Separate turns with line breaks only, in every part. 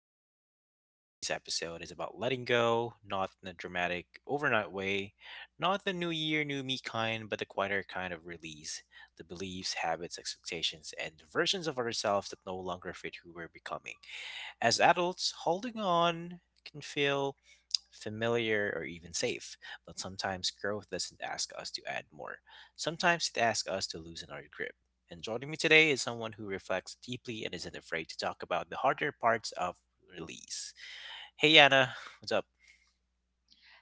Adulting with Vince. And today's episode is about letting go, not in a dramatic, overnight way, not the new year, new me kind, but the quieter kind of release the beliefs, habits, expectations, and versions of ourselves that no longer fit who we're becoming. As adults, holding on can feel familiar, or even safe, but sometimes growth doesn't ask us to add more. Sometimes it asks us to loosen our grip. And joining me today is someone who reflects deeply and isn't afraid to talk about the harder parts of release. Hey, Anna, what's up?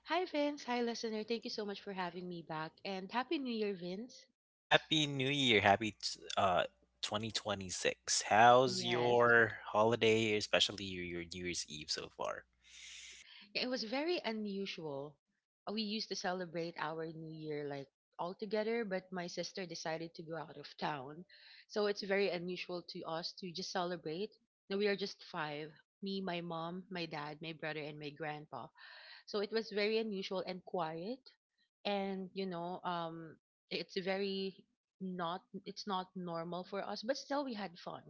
Hi, Vince. Hi, listener. Thank you so much for having me back. And Happy New Year, Vince.
Happy New Year. 2026. How's
Yes.
your holiday, especially your New Year's Eve so far?
Yeah, It was very unusual. We used to celebrate our New Year like all together, but my sister decided to go out of town. So it's very unusual to us to just celebrate. Now we are just five: me, my mom, my dad, my brother, and my grandpa. So it was very unusual and quiet. And you know, it's very, not, it's not normal for us, but still we had fun.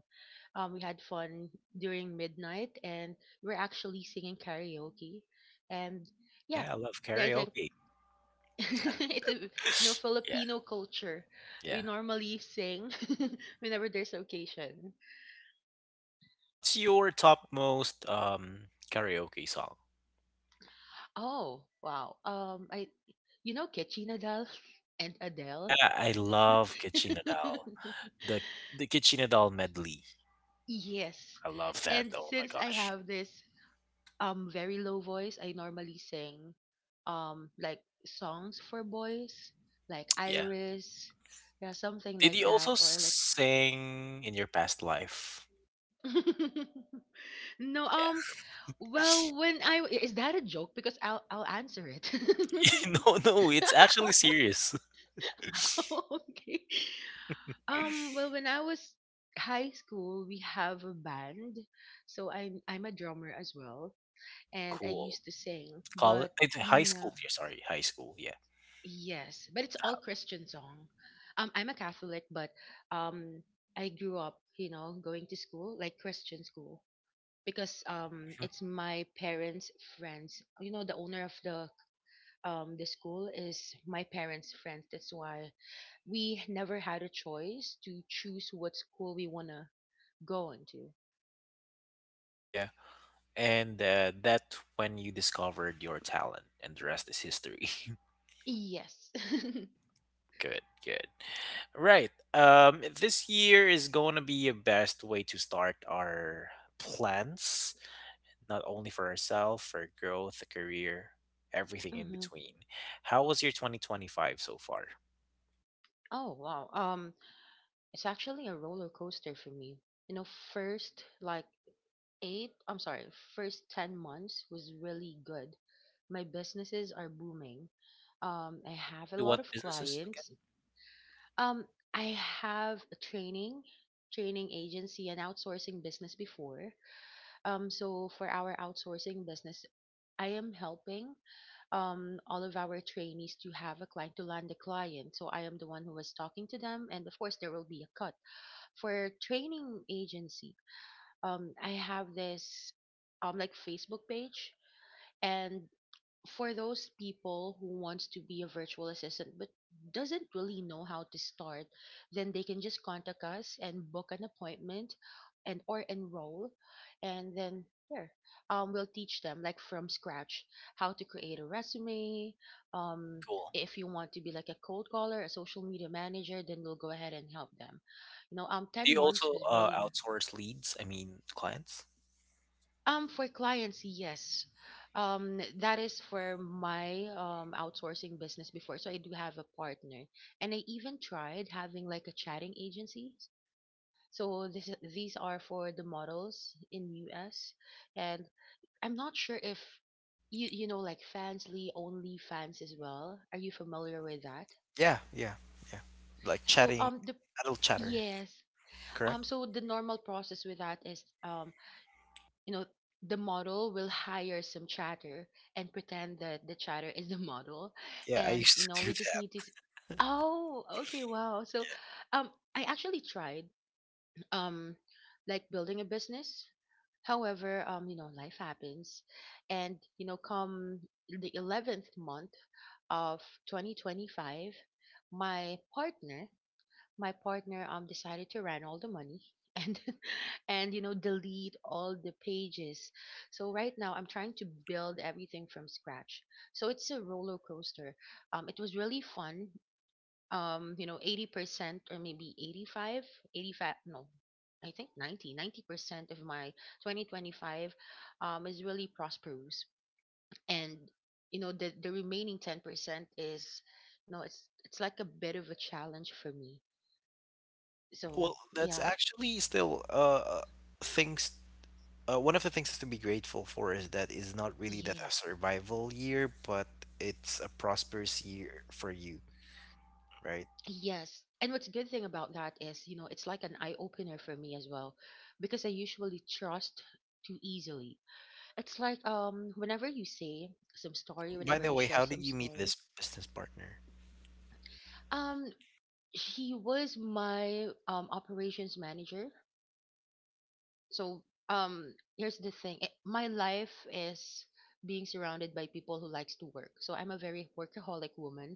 We had fun during midnight, and we're actually singing karaoke and... Yeah,
Yeah, I love
yeah, I think
karaoke.
it's a, you know,
Yeah,
Filipino culture. We
yeah.
normally sing whenever there's occasion.
What's your top most karaoke song?
Oh, wow. I Ketchy Nadal and Adele
Yeah, I love Kitchen Nadal. The the Kitchen Nadal medley.
yes.
I love that.
And
Oh my
since I
gosh.
have this, very low voice, I normally sing, like songs for boys, like
Yeah.
Iris. Yeah, something
Did
like
you
that,
also
or like...
sing in your past life?
No.
Yeah.
Well, when I is that a joke? Because I'll answer it.
No, no, it's actually serious.
Oh, okay. Well, when I was high school, we have a band, so I'm a drummer as well, and I
Cool.
used to sing,
Call
but...
it's high
No.
school. Yeah, sorry, high school. Yeah.
Yes, but it's all Christian song. I'm a Catholic, but um, I grew up, you know, going to school like Christian school, because
Mhm.
it's my parents' friends. You know, the owner of the school is my parents' friends. That's why we never had a choice to choose what school we wanna go into.
Yeah. And that when you discovered your talent, and the rest is history.
Yes.
Good, good. Right. This year is going to be a best way to start our plans, not only for ourselves, for growth, a career, everything in
Hmm.
between. How was your 2025 so far?
Oh wow. It's actually a roller coaster for me. You know, first like eight, I'm sorry, first 10 months was really good. My businesses are booming. I have a
Sorry,
lot
what
of
businesses? Again,
clients. Um, I have a training agency and outsourcing business before. So for our outsourcing business, I am helping, all of our trainees to land a client. So I am the one who was talking to them, and of course there will be a cut for training agency. I have this, like Facebook page, and for those people who wants to be a virtual assistant but doesn't really know how to start, then they can just contact us and book an appointment and or enroll, and then here, we'll teach them like from scratch how to create a resume. um
cool.
if you want to be like a cold caller, a social media manager, then we'll go ahead and help them. You know,
Do
10
you
months
also
was really...
outsource leads? I mean, clients?
For clients, yes. That is for my outsourcing business before. So I do have a partner, and I even tried having like a chatting agency. So this these are for the models in US, and I'm not sure if you know, like Fansly, OnlyFans as well. Are you familiar with that?
Yeah, yeah, yeah. Like
So,
chatting,
the
adult chatter,
yes.
correct?
So the normal process with that is, you know, the model will hire some chatter and pretend that the chatter is the model,
Yeah, I
and you
used
know,
to do
we just need to
that.
s- oh, okay, wow. So, um I actually tried, um like building a business. However, you know, life happens. And you know, come the 11th month of 2025, my partner my partner, decided to run all the money and and you know, delete all the pages. So right now I'm trying to build everything from scratch. So it's a roller coaster. It was really fun. You know, 80%, or maybe eighty five. No, I think 90% of my 2025 is really prosperous. And you know, the remaining 10% is, you know, it's like a bit of a challenge for me. So,
Well, that's
yeah.
actually still things. One of the things to be grateful for is that it's not really that a
Yes.
survival year, but it's a prosperous year for you, right?
Yes. And what's good thing about that is, you know, it's like an eye opener for me as well, because I usually trust too easily. It's like, whenever you say some story,
By
whenever
the
you
way,
share
how did
some
you meet
story,
this business partner?
um she was my operations manager. So, here's the thing. My life is being surrounded by people who likes to work. So I'm a very workaholic woman.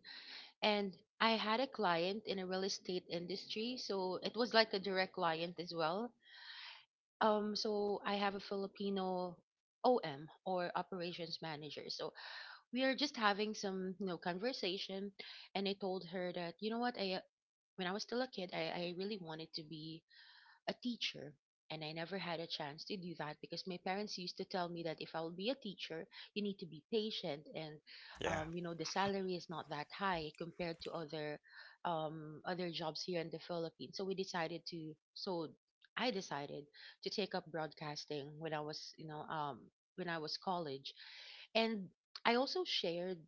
And I had a client in a real estate industry, so it was like a direct client as well. So I have a Filipino OM or operations manager. So we are just having some, you know, conversation, and I told her that, you know what, I when I was still a kid, I really wanted to be a teacher. And I never had a chance to do that because my parents used to tell me that if I will be a teacher, you need to be patient, and
Yeah.
you know, the salary is not that high compared to other, other jobs here in the Philippines. So I decided to take up broadcasting when I was, you know, when I was college, and I also shared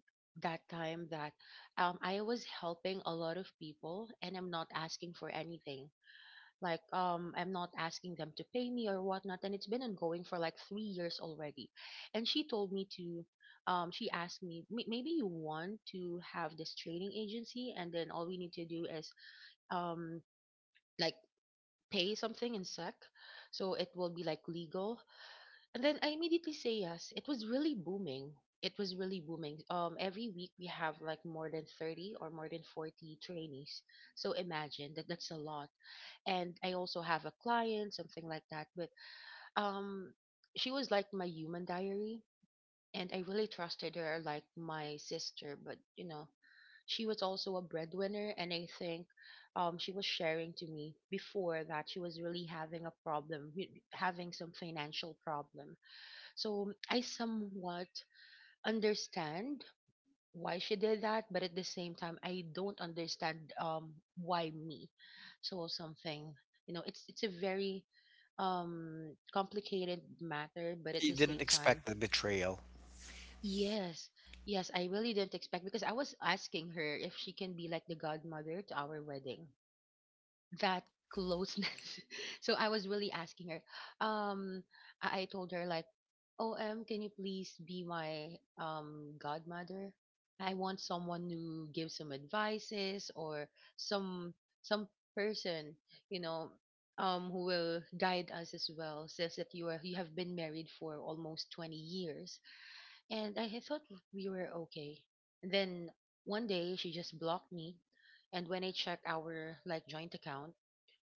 that time that, I was helping a lot of people and I'm not asking for anything. Like, I'm not asking them to pay me or whatnot, and it's been ongoing for like 3 years already. And she told me to, she asked me, "Maybe you want to have this training agency, and then all we need to do is, um, like pay something in SEC, so it will be like legal." And then I immediately say yes. It was really booming. It was really booming. Every week we have like more than 30 or more than 40 trainees. So imagine that, that's a lot, and I also have a client, something like that. But um, she was like my human diary, and I really trusted her like my sister. But you know, she was also a breadwinner, and I think, she was sharing to me before that she was really having a problem, having some financial problem. So I somewhat understand why she did that, but at the same time, I don't understand why me. So something, you know, it's a very, complicated matter, but at
You
the
didn't
same time...
expect the betrayal.
Yes, yes, I really didn't expect, because I was asking her if she can be like the godmother to our wedding, that closeness. So I was really asking her. Um, I told her like, "Oh, can you please be my godmother? I want someone to give some advices, or some some person, you know, who will guide us as well. Says that you have been married for almost 20 years, and I had thought we were okay." And then one day she just blocked me, and when I checked our like joint account,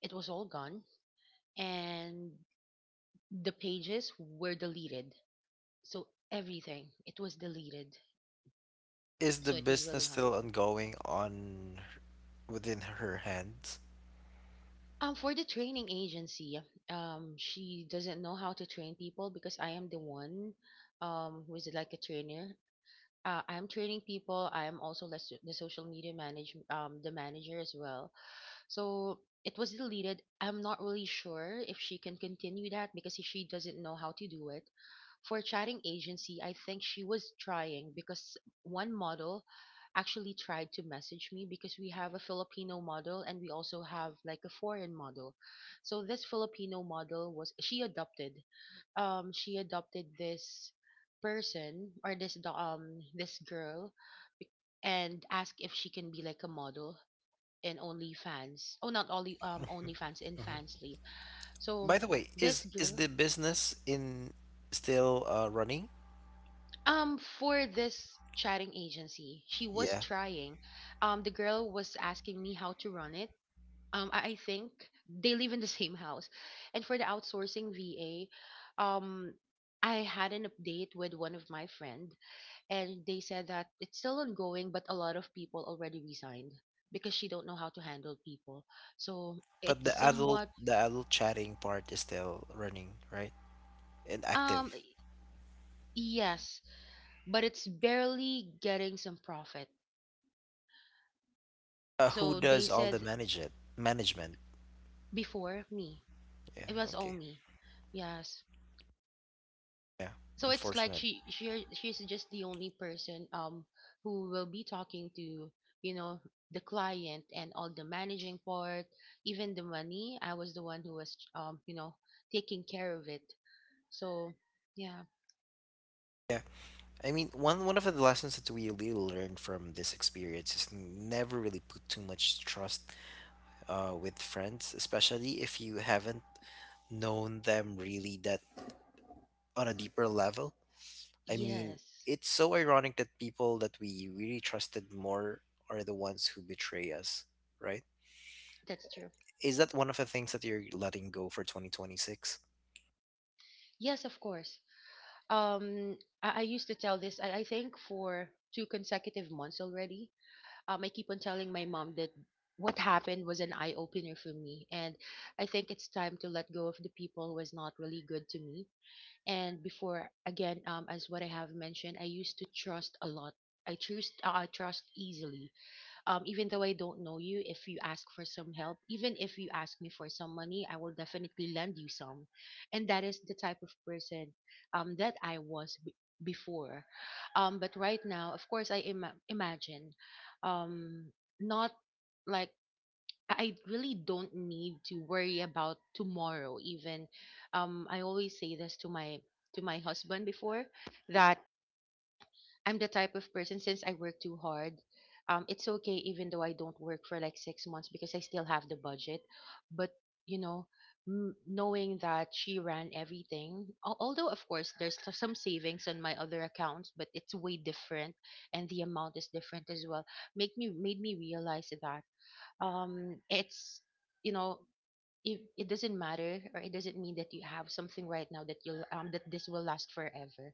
it was all gone, and the pages were deleted. So everything, it was deleted.
Is the
So it was really
business
hard.
still ongoing on within her hands?
For the training agency, she doesn't know how to train people because I am the one, who is like a trainer. I am training people. I am also like the social media manage, the manager as well. So it was deleted. I'm not really sure if she can continue that because she doesn't know how to do it. For chatting agency, I think she was trying because one model actually tried to message me, because we have a Filipino model and we also have like a foreign model. So this Filipino model was she adopted. She adopted this person, or this girl, bec- and asked if she can be like a model in OnlyFans. Oh, not only, OnlyFans, in
Mhm.
Fansly. So
By the way, is
this
is
girl,
the business in still running?
for this chatting agency, she was
Yeah.
trying. The girl was asking me how to run it. I think they live in the same house, and for the outsourcing VA, um. I had an update with one of my friend and they said that it's still ongoing but a lot of people already resigned because she don't know how to handle people. So
But the
it's
adult
somewhat,
the adult chatting part is still running, right? And active.
um Yes, but it's barely getting some profit.
Who
So they
does all the
said
manage it? Management.
before me,
Yeah.
it was all
Okay.
me. Yes.
Yeah.
So it's like
Unfortunate.
she's just the only person, who will be talking to, you know, the client and all the managing part, even the money. I was the one who was, you know, taking care of it. So, yeah.
Yeah. I mean, one of the lessons that we really learned from this experience is never really put too much trust with friends, especially if you haven't known them really that on a deeper level. I mean,
Yes,
it's so ironic that people that we really trusted more are the ones who betray us, right?
that's true.
Is that one of the things that you're letting go for 2026?
Yes, of course. um I used to tell this I think for two consecutive months already. I keep on telling my mom that what happened was an eye opener for me, and I think it's time to let go of the people who was not really good to me. And before again, as what I have mentioned, I used to trust a lot. I trust easily. Even though I don't know you, if you ask for some help, even if you ask me for some money, I will definitely lend you some. And that is the type of person, that before. But right now, of course, imagine, um, not, like, I really don't need to worry about tomorrow. Even, I always say this to my husband before, that I'm the type of person. Since I work too hard, it's okay even though I don't work for like 6 months, because I still have the budget. But, you know, knowing that she ran everything, although of course there's some savings on my other accounts, but it's way different, and the amount is different as well. Make me Made me realize that, it's, you know. It, it doesn't matter, or it doesn't mean that you have something right now that you'll that this will last forever.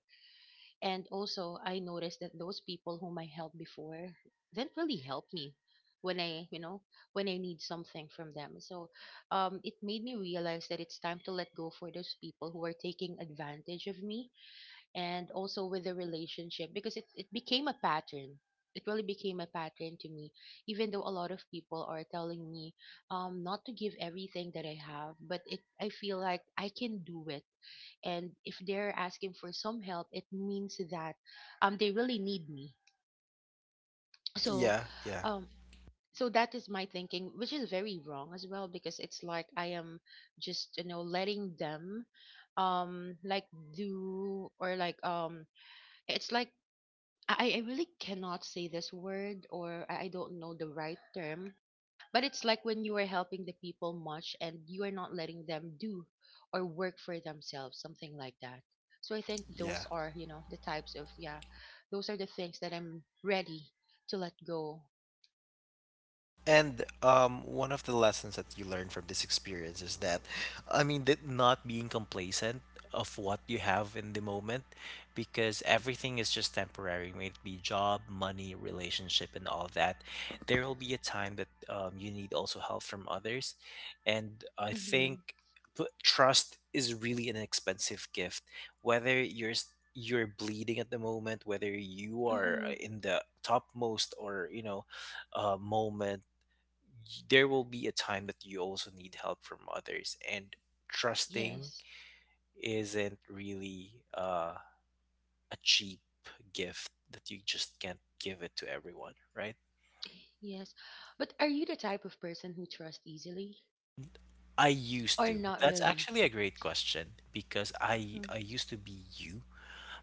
And also, I noticed that those people whom I helped before didn't really help me when I, when I need something from them. So, it made me realize that it's time to let go for those people who are taking advantage of me, and also with the relationship, because it became a pattern. It really became a pattern to me. Even though a lot of people are telling me, not to give everything that I have, but it, I feel like I can do it, and if they're asking for some help, it means that, they really need me. So,
Yeah, yeah,
um so that is my thinking, which is very wrong as well, because it's like I am just, you know, letting them, like, do, or like, it's like, I really cannot say this word, or I don't know the right term. But it's like when you are helping the people much and you are not letting them do or work for themselves, something like that. So I think
yeah.
those are, you know, the types of, yeah, those are the things that I'm ready to let go.
And one of the lessons that you learn from this experience is that, I mean, that not being complacent of what you have in the moment, because everything is just temporary. May it be job, money, relationship, and all that. There will be a time that you need also help from others, and I
Mm-hmm.
think trust is really an expensive gift. Whether you're bleeding at the moment, whether you are
Mm-hmm.
in the topmost or moment, there will be a time that you also need help from others and trusting
Yes.
isn't really a cheap gift that you just can't give it to everyone, right?
Yes. But are you the type of person who trusts easily
I used
or
to
not
That's
really?
actually a great question because i
Mm-hmm.
i used to be you.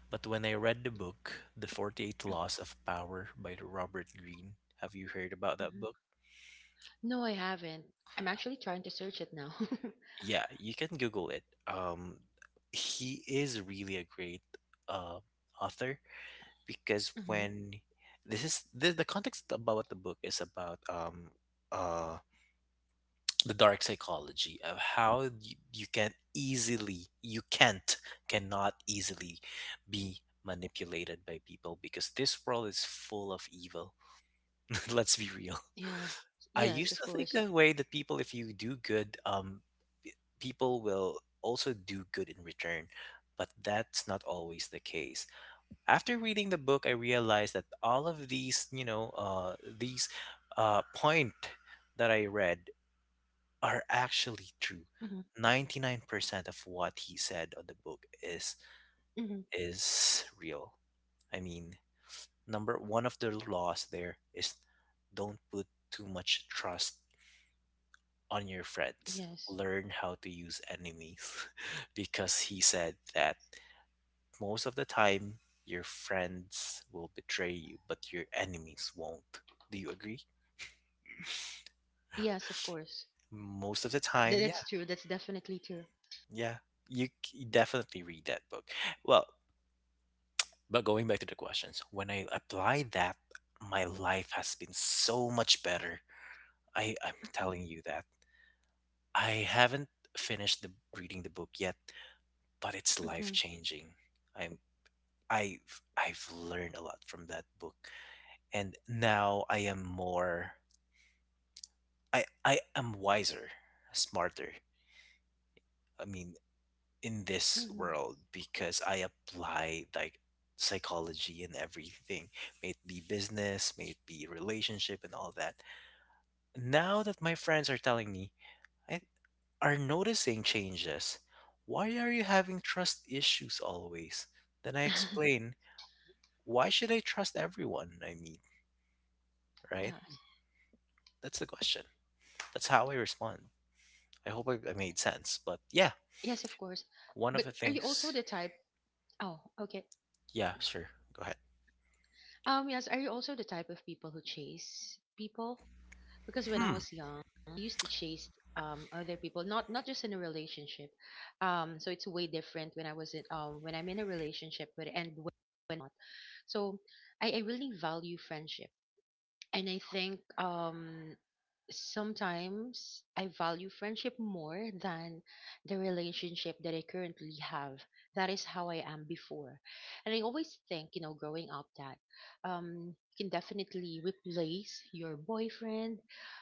But when I read the book The 48 Laws of Power by Robert Greene, have you heard about that
Mm-hmm.
book?
No, I haven't. I'm actually trying to search it now.
Yeah, you can google it. He is really a great uh, author because
Mm-hmm.
when this is the context about the book is about uh the dark psychology of how you cannot easily be manipulated by people because this world is full of evil. Let's be real.
Yeah.
I
Yes,
used
of
to think
course.
that way, that people if you do good, p- people will also do good in return. But that's not always the case. After reading the book, I realized that all of these point that I read are
Mm-hmm.
actually true. 99% of what he said on the book is
Mm-hmm.
is real. I mean, number one of the laws there is don't put too much trust on your friends.
Yes.
Learn how to use enemies because he said that most of the time, your friends will betray you, but your enemies won't. Do you agree?
Yes, of course.
Most of the
That's
time,
true.
yeah.
That's definitely true.
Yeah. You definitely read that book. Well, but going back to the questions, when I applied that, my life has been so much better. I'm
Mhm.
telling you that. I haven't finished the reading the book yet, but it's life
Mhm.
changing. I'm I've learned a lot from that book. And now I am wiser, smarter. I mean, in this
Mhm.
world because I apply like psychology and everything, may it be business, may it be relationship and all that. Now that my friends are telling me, I are noticing changes. Why are you having trust issues always? Then I explain, why should I trust everyone I meet, right?
Yes.
That's the question. That's how I respond. I hope I made sense. But yeah,
Yes, of course.
one of
But
the
are you also
things.
the type? Oh, okay.
Yeah, sure. Go ahead.
Yes. Are you also the type of people who chase people? Because when I
Hmm.
was young, I used to chase, other people, not just in a relationship. So it's way different when I was in, when I'm in a relationship, but, and when not. So I really value friendship. And I think, sometimes I value friendship more than the relationship that I currently have. That is how I am before. And I always think, you know, growing up, that, you can definitely replace your boyfriend.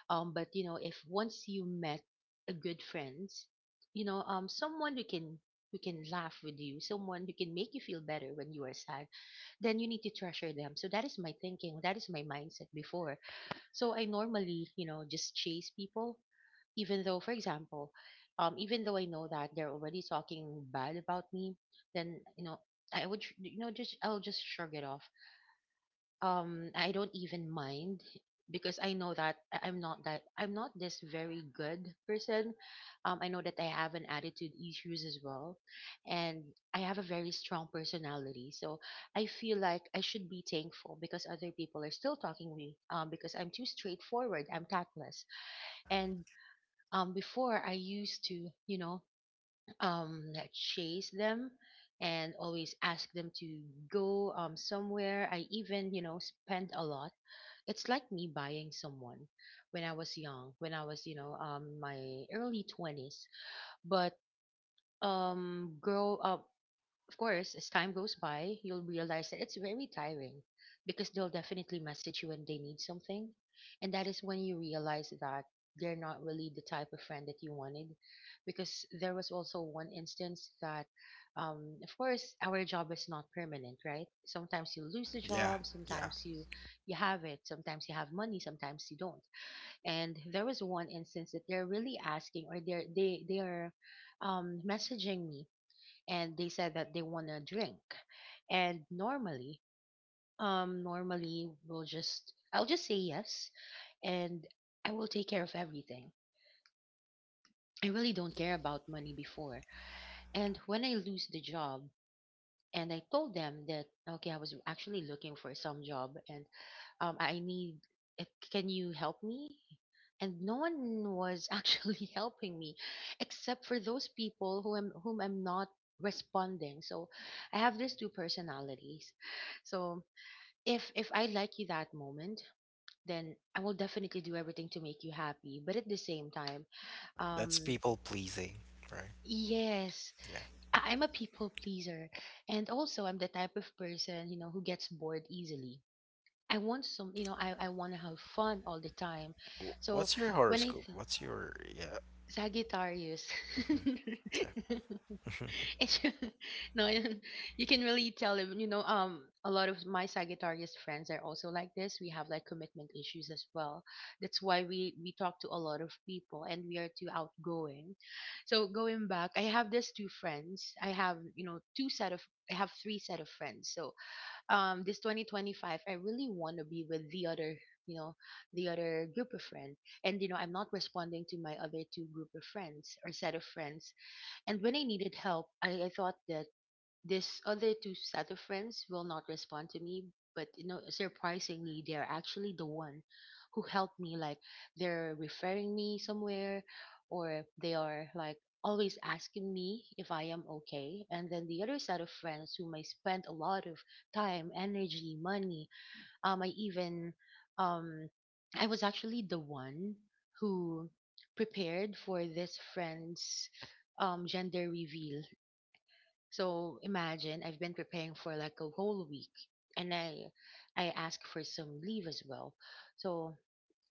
But you know, if once you met a good friends, you know, someone who can, who can laugh with you, someone who can make you feel better when you are sad, then you need to treasure them. So that is my thinking, that is my mindset before. So I normally, you know, just chase people, even though, for example, even though I know that they're already talking bad about me, then, you know, I would, you know, just I'll just shrug it off. I don't even mind, because I know that I'm not this very good person. I know that I have an attitude issues as well, and I have a very strong personality. So I feel like I should be thankful because other people are still talking me, because I'm too straightforward. I'm tactless. And, before I used to, you know, like, chase them, and always ask them to go somewhere. I even, you know, spend a lot. It's like me buying someone when I was young, when I was, you know, my early 20s. But, grow up, of course, as time goes by, you'll realize that it's very tiring, because they'll definitely message you when they need something. And that is when you realize that they're not really the type of friend that you wanted. Because there was also one instance that, of course, our job is not permanent, right? Sometimes you lose the
Yeah.
job,
Yeah.
sometimes you, you have it, sometimes you have money, sometimes you don't. And there was one instance that they're really asking, or they are messaging me, and they said that they want to drink. And normally, normally we'll just, I'll just say yes, and I will take care of everything. I really don't care about money before. And when I lose the job, and I told them that, okay, I was actually looking for some job, and, I need, eh, can you help me? And no one was actually helping me, except for those people who am, whom I'm not responding. So I have these two personalities. So if I like you that moment, then I will definitely do everything to make you happy. But at the same time,
That's
um,
people pleasing, right?
yes,
Yeah.
I'm a people pleaser, and also I'm the type of person, you know, who gets bored easily. I want some, you know, I want to have fun all the time.
Wh-
So
What's your
when I
horoscope?
th-
What's your yeah?
Sagittarius.
Mhm. Yeah.
It's no, you can really tell them, you know, a lot of my Sagittarius friends are also like this. We have like commitment issues as well. That's why we talk to a lot of people, and we are too outgoing. So going back, I have these two friends. I have, you know, I have three set of friends. So, this 2025 I really want to be with the other, you know, the other group of friends, and you know, I'm not responding to my other two group of friends or set of friends. And when I needed help, I thought that this other two set of friends will not respond to me, but you know, surprisingly, they are actually the one who helped me. Like, they're referring me somewhere, or they are like always asking me if I am okay. And then the other set of friends whom I spent a lot of time, energy, money. I even, um, I was actually the one who prepared for this friend's gender reveal. So imagine I've been preparing for like a whole week, and I asked for some leave as well. So,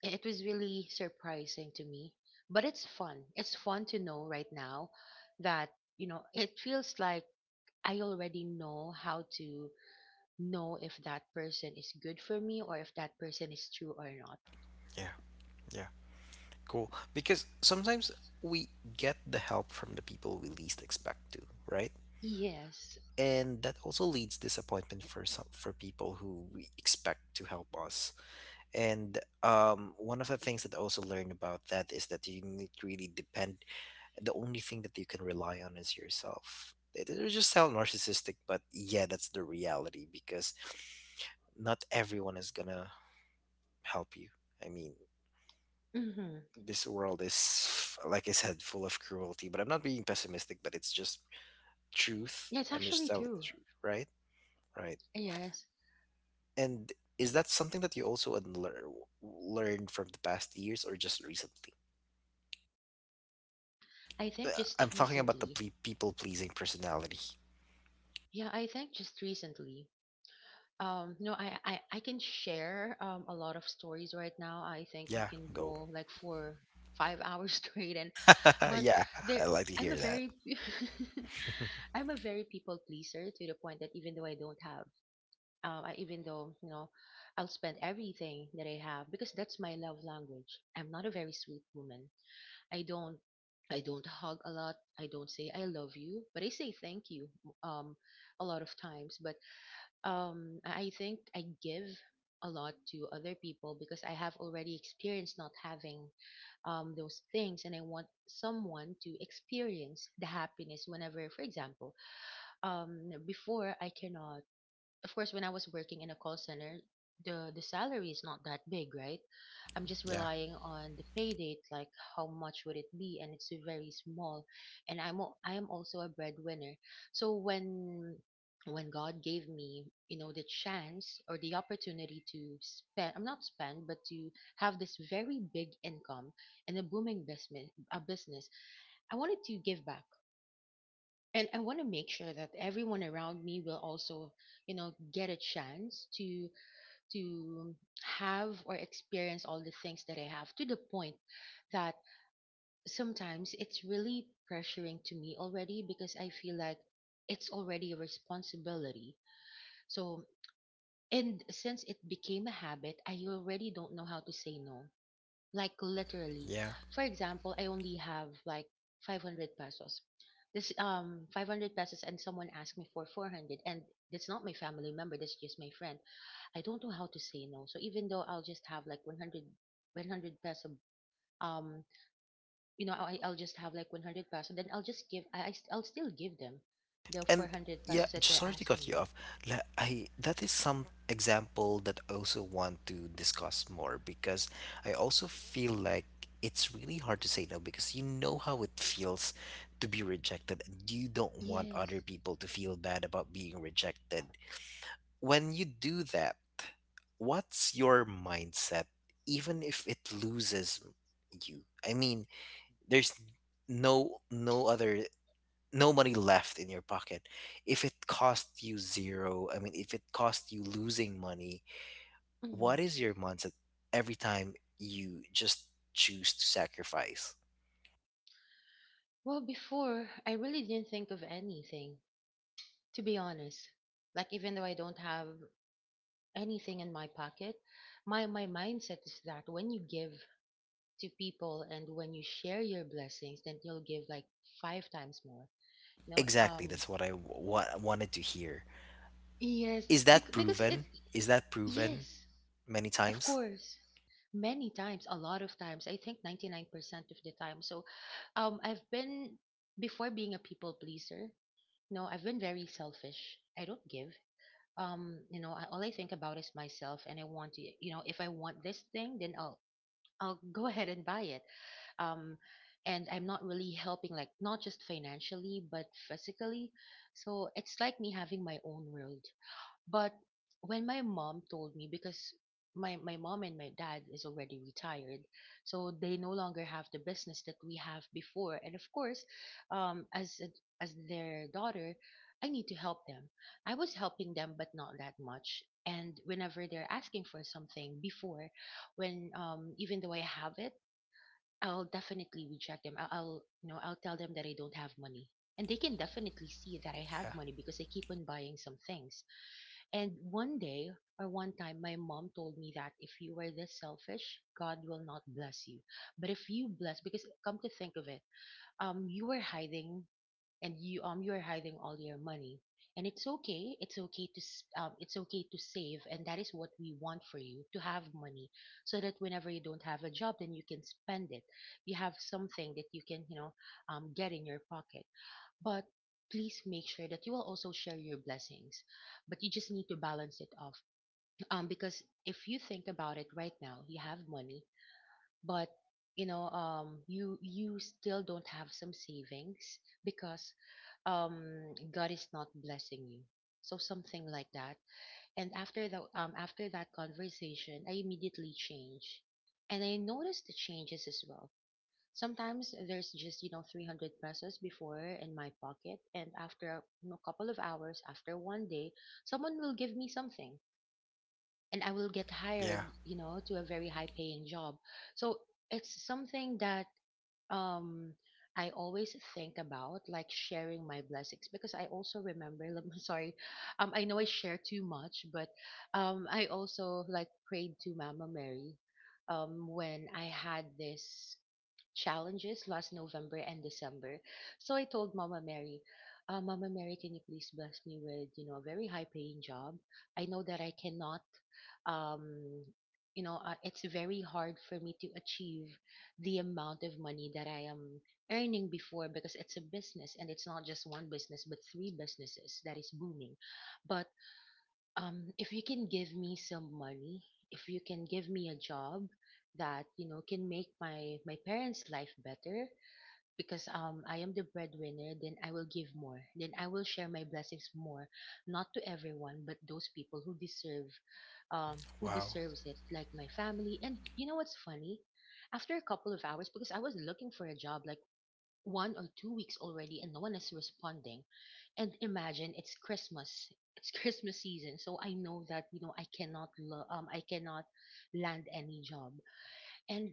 it was really surprising to me, but it's fun. It's fun to know right now that, you know, it feels like I already know how to know if that person is good for me, or if that person is true or not.
Yeah. Yeah. Cool. Because sometimes we get the help from the people we least expect to, right?
Yes.
And that also leads disappointment for people who we expect to help us. And one of the things that I also learned about that is that you need to really depend the only thing that you can rely on is yourself. It just sound narcissistic, but yeah, that's the reality because not everyone is gonna help you. I mean,
Mhm.
this world is, like I said, full of cruelty. But I'm not being pessimistic, but it's just truth.
Yeah, it's
I'm just
actually
telling the
true.
truth, right? Right.
Yes.
And is that something that you also learned from the past years or just recently?
I
Uh,
think
I'm
just
talking about the
recently.
people pleasing personality.
Yeah, I think just recently. No, I can share, a lot of stories right now. I think we
Yeah,
can
go.
go like for 5 hours straight, and but
Yeah,
there
I like to
I'm
hear
a
that.
very I'm a very people pleaser, to the point that even though I don't have, I, even though you know, I'll spend everything that I have, because that's my love language. I'm not a very sweet woman. I don't I don't hug a lot. I don't say I love you, but I say thank you, um a lot of times. But, I think I give a lot to other people because I have already experienced not having, those things, and I want someone to experience the happiness whenever, for example, before I cannot, of course, when I was working in a call center, the salary is not that big, right? I'm just
Yeah,
relying on the pay date, like how much would it be, and it's very small. And I am also a breadwinner, so when God gave me, you know, the chance or the opportunity to spend, I'm not spend, but to have this very big income and a booming business, I wanted to give back, and I want to make sure that everyone around me will also, you know, get a chance to have or experience all the things that I have, to the point that sometimes it's really pressuring to me already because I feel like it's already a responsibility. So, and since it became a habit, I already don't know how to say no, like literally.
yeah.
For example, I only have like 500 pesos. This 500 pesos and someone asked me for 400, and that's not my family member, that's just my friend. I don't know how to say no, so even though I'll just have like one hundred 100 peso, um I'll just have like 100 peso, then I'll just give, I'll still give them the
And
400
yeah,
pesos that
just
they're
sorry to
asking
cut you
me.
off. Like, I that is some example that I also want to discuss more because I also feel like it's really hard to say no because you know how it feels to be rejected and you don't want other
Yes.
people to feel bad about being rejected. When you do that, what's your mindset even if it loses you? I mean, there's no no other no money left in your pocket. If it cost you zero, I mean, if it cost you losing money, what
Mm.
is your mindset every time you just choose to sacrifice?
Well, before I really didn't think of anything, to be honest. Like even though I don't have anything in my pocket. My mindset is that when you give to people and when you share your blessings, then you'll give like five times more. You know,
Exactly, that's what I wanted to hear.
yes,
Is that
because it,
proven? Is that proven
yes,
many
of
times?
course, many times, a lot of times. I think 99% of the time. So, I've been, before being a people pleaser. No, I've been very selfish. I don't give. You know, all I think about is myself, and I want to. You know, if I want this thing, then I'll go ahead and buy it. Um, and I'm not really helping, like, not just financially, but physically. So it's like me having my own world. But when my mom told me, because my mom and my dad is already retired, so they no longer have the business that we have before. And of course, um, as a- as their daughter, I need to help them. I was helping them, but not that much. And whenever they're asking for something before, when even though I have it, I'll definitely reject them. I'll you know I'll tell them that I don't have money. And they can definitely see that I have
Yeah,
money because I keep on buying some things. And one day or one time, my mom told me that if you are this selfish, God will not bless you. But if you bless, because come to think of it, you were hiding and you you are hiding all your money, and it's okay. It's okay to it's okay to save, and that is what we want for you to have money, so that whenever you don't have a job, then you can spend it. You have something that you can get in your pocket. But please make sure that you will also share your blessings. But you just need to balance it off. Because if you think about it right now, you have money, but you still don't have some savings because God is not blessing you. So something like that. And after the after that conversation, I immediately changed, and I noticed the changes as well. Sometimes there's just, you know, 300 pesos before in my pocket, and after a you know, couple of hours, after one day, someone will give me something and I will get hired,
yeah,
you know, to a very high paying job. So it's something that um I always think about, like sharing my blessings, because I also remember, I'm sorry, I know I share too much, but I also like prayed to Mama Mary when I had this challenges last November and December. So I told Mama Mary, Mama Mary, can you please bless me with, you know, a very high paying job? I know that I cannot, um, it's very hard for me to achieve the amount of money that I am earning before because it's a business and it's not just one business, but three businesses that is booming. But if you can give me some money, if you can give me a job that you know can make my parents' life better, because I am the breadwinner, then I will give more. Then I will share my blessings more, not to everyone, but those people who deserve, who
wow.
deserves it, like my family. And you know what's funny? After a couple of hours, because I was looking for a job, like 1 or 2 weeks already and no one is responding, and imagine it's Christmas. It's Christmas season, so I know that you know I cannot lo- I cannot land any job. And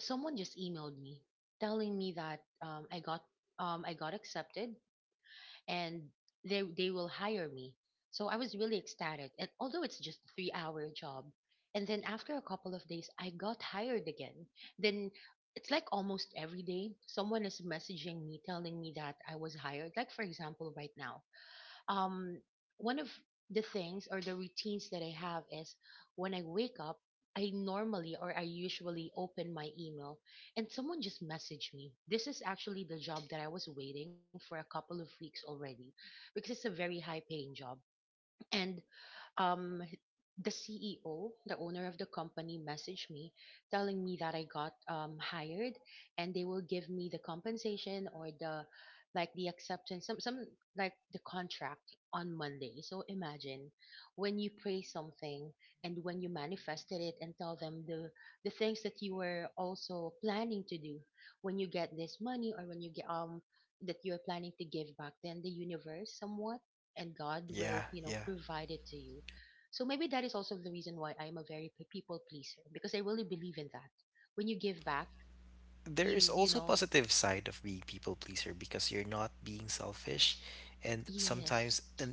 someone just emailed me telling me that I got I got accepted, and they will hire me. So I was really ecstatic. And although it's just a 3 hour job, and then after a couple of days, I got hired again. Then it's like almost every day someone is messaging me telling me that I was hired. Like for example, right now, um, one of the things or the routines that I have is when I wake up, I normally or I usually open my email and someone just messaged me. This is actually the job that I was waiting for a couple of weeks already because it's a very high paying job. And um, the CEO, the owner of the company, messaged me telling me that I got hired, and they will give me the compensation or the, like the acceptance, some like the contract on Monday. So imagine when you pray something and when you manifested it and tell them the things that you were also planning to do when you get this money or when you get that you're planning to give back, then the universe somewhat and God will,
Yeah,
you know,
yeah.
provide it to you. So maybe that is also the reason why I am a very people pleaser because I really believe in that. When you give back,
There is
you
also
know,
positive side of being people pleaser because you're not being selfish and
yes.
sometimes a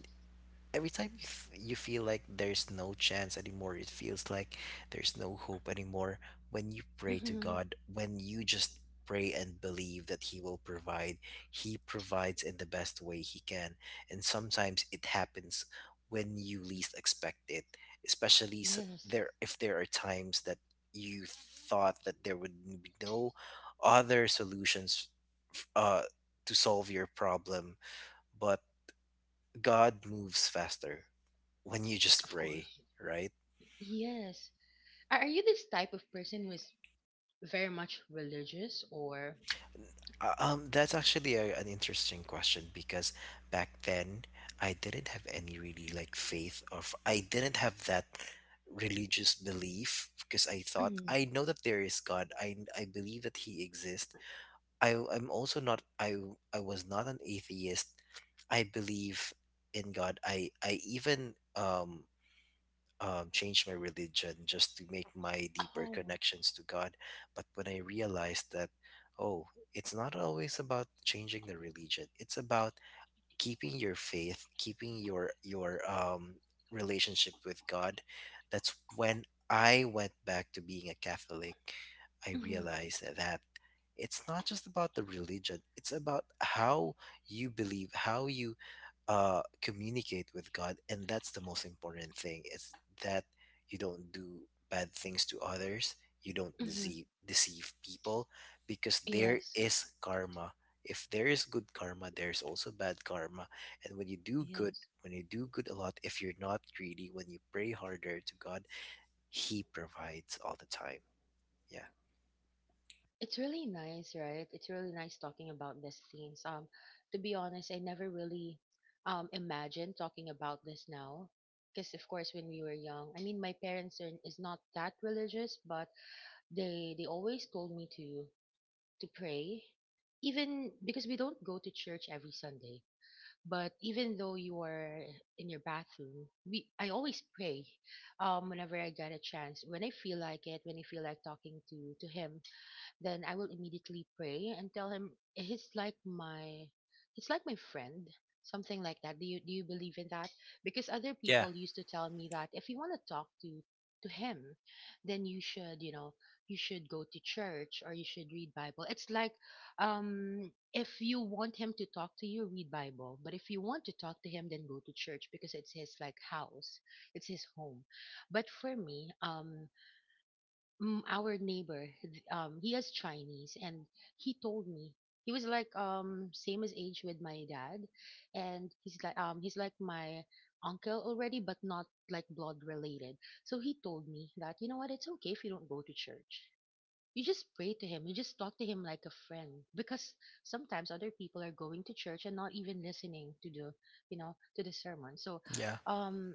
every time you feel like there's no chance anymore, it feels like there's no hope anymore. When you pray to
Hmm.
God, when you just pray and believe that He will provide, He provides in the best way He can. And sometimes it happens when you least expect it, especially s
Yes.
there if there are times that you thought that there would be no other solutions f- uh, to solve your problem, but God moves faster when you just
Of
pray,
course.
right?
Yes. Are you this type of person who is very much religious or?
That's actually an interesting question because back then I didn't have any really like faith I didn't have that religious belief because I thought
Mhm.
I know that there is God. I believe that He exists. I I'm also not. I was not an atheist. I believe in God. I even change my religion just to make my deeper
Oh.
connections to God. But when I realized that, oh, it's not always about changing the religion. It's about keeping your faith, keeping your relationship with God. That's when I went back to being a Catholic. I
Hmm.
realized that it's not just about the religion. It's about how you believe, how you communicate with God, and that's the most important thing. Is that you don't do bad things to others, you don't
Hmm.
deceive people, because there
Yes.
is karma. If there is good karma, there's also bad karma, and when you do good,
Yes.
when you do good a lot, if you're not greedy, when you pray harder to God, He provides all the time. Yeah.
It's really nice, right? It's really nice talking about these things. To be honest, I never really imagined talking about this now. Because of course, when we were young, I mean, my parents are, is not that religious, but they always told me to pray, even because we don't go to church every Sunday. But even though you are in your bathroom, we I always pray, whenever I get a chance, when I feel like it, when I feel like talking to him, then I will immediately pray and tell him he's like my friend, something like that. Do you believe in that? Because other
Yeah,
people used to tell me that if you want to talk to him, then you should, you know, you should go to church or you should read Bible. It's like if you want him to talk to you, read Bible. But if you want to talk to him, then go to church because it's his like house. It's his home. But for me, our neighbor he has chinese, and he told me, he was like same as age with my dad, and he's like my uncle already, but not like blood related. So he told me that you know what, it's okay if you don't go to church, you just pray to him, you just talk to him like a friend, because sometimes other people are going to church and not even listening to the you know to the sermon. So
yeah,
um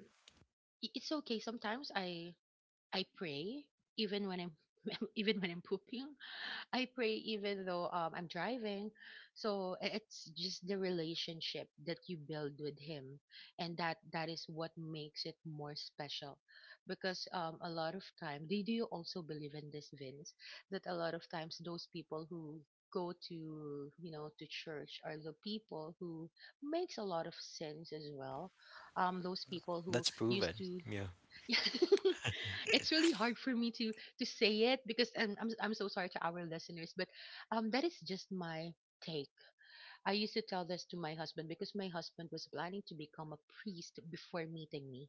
it's okay. Sometimes I pray even when I'm even when I'm pooping. I pray even though I'm driving. So it's just the relationship that you build with him, and that is what makes it more special. Because a lot of time, do you also believe in this, Vince? That a lot of times those people who go to you know to church are the people who makes a lot of sense as well, those people who
that's
used
proven.
to,
Yeah.
it's really hard for me to say it because I'm so sorry to our listeners, but that is just my take. I used to tell this to my husband because my husband was planning to become a priest before meeting me,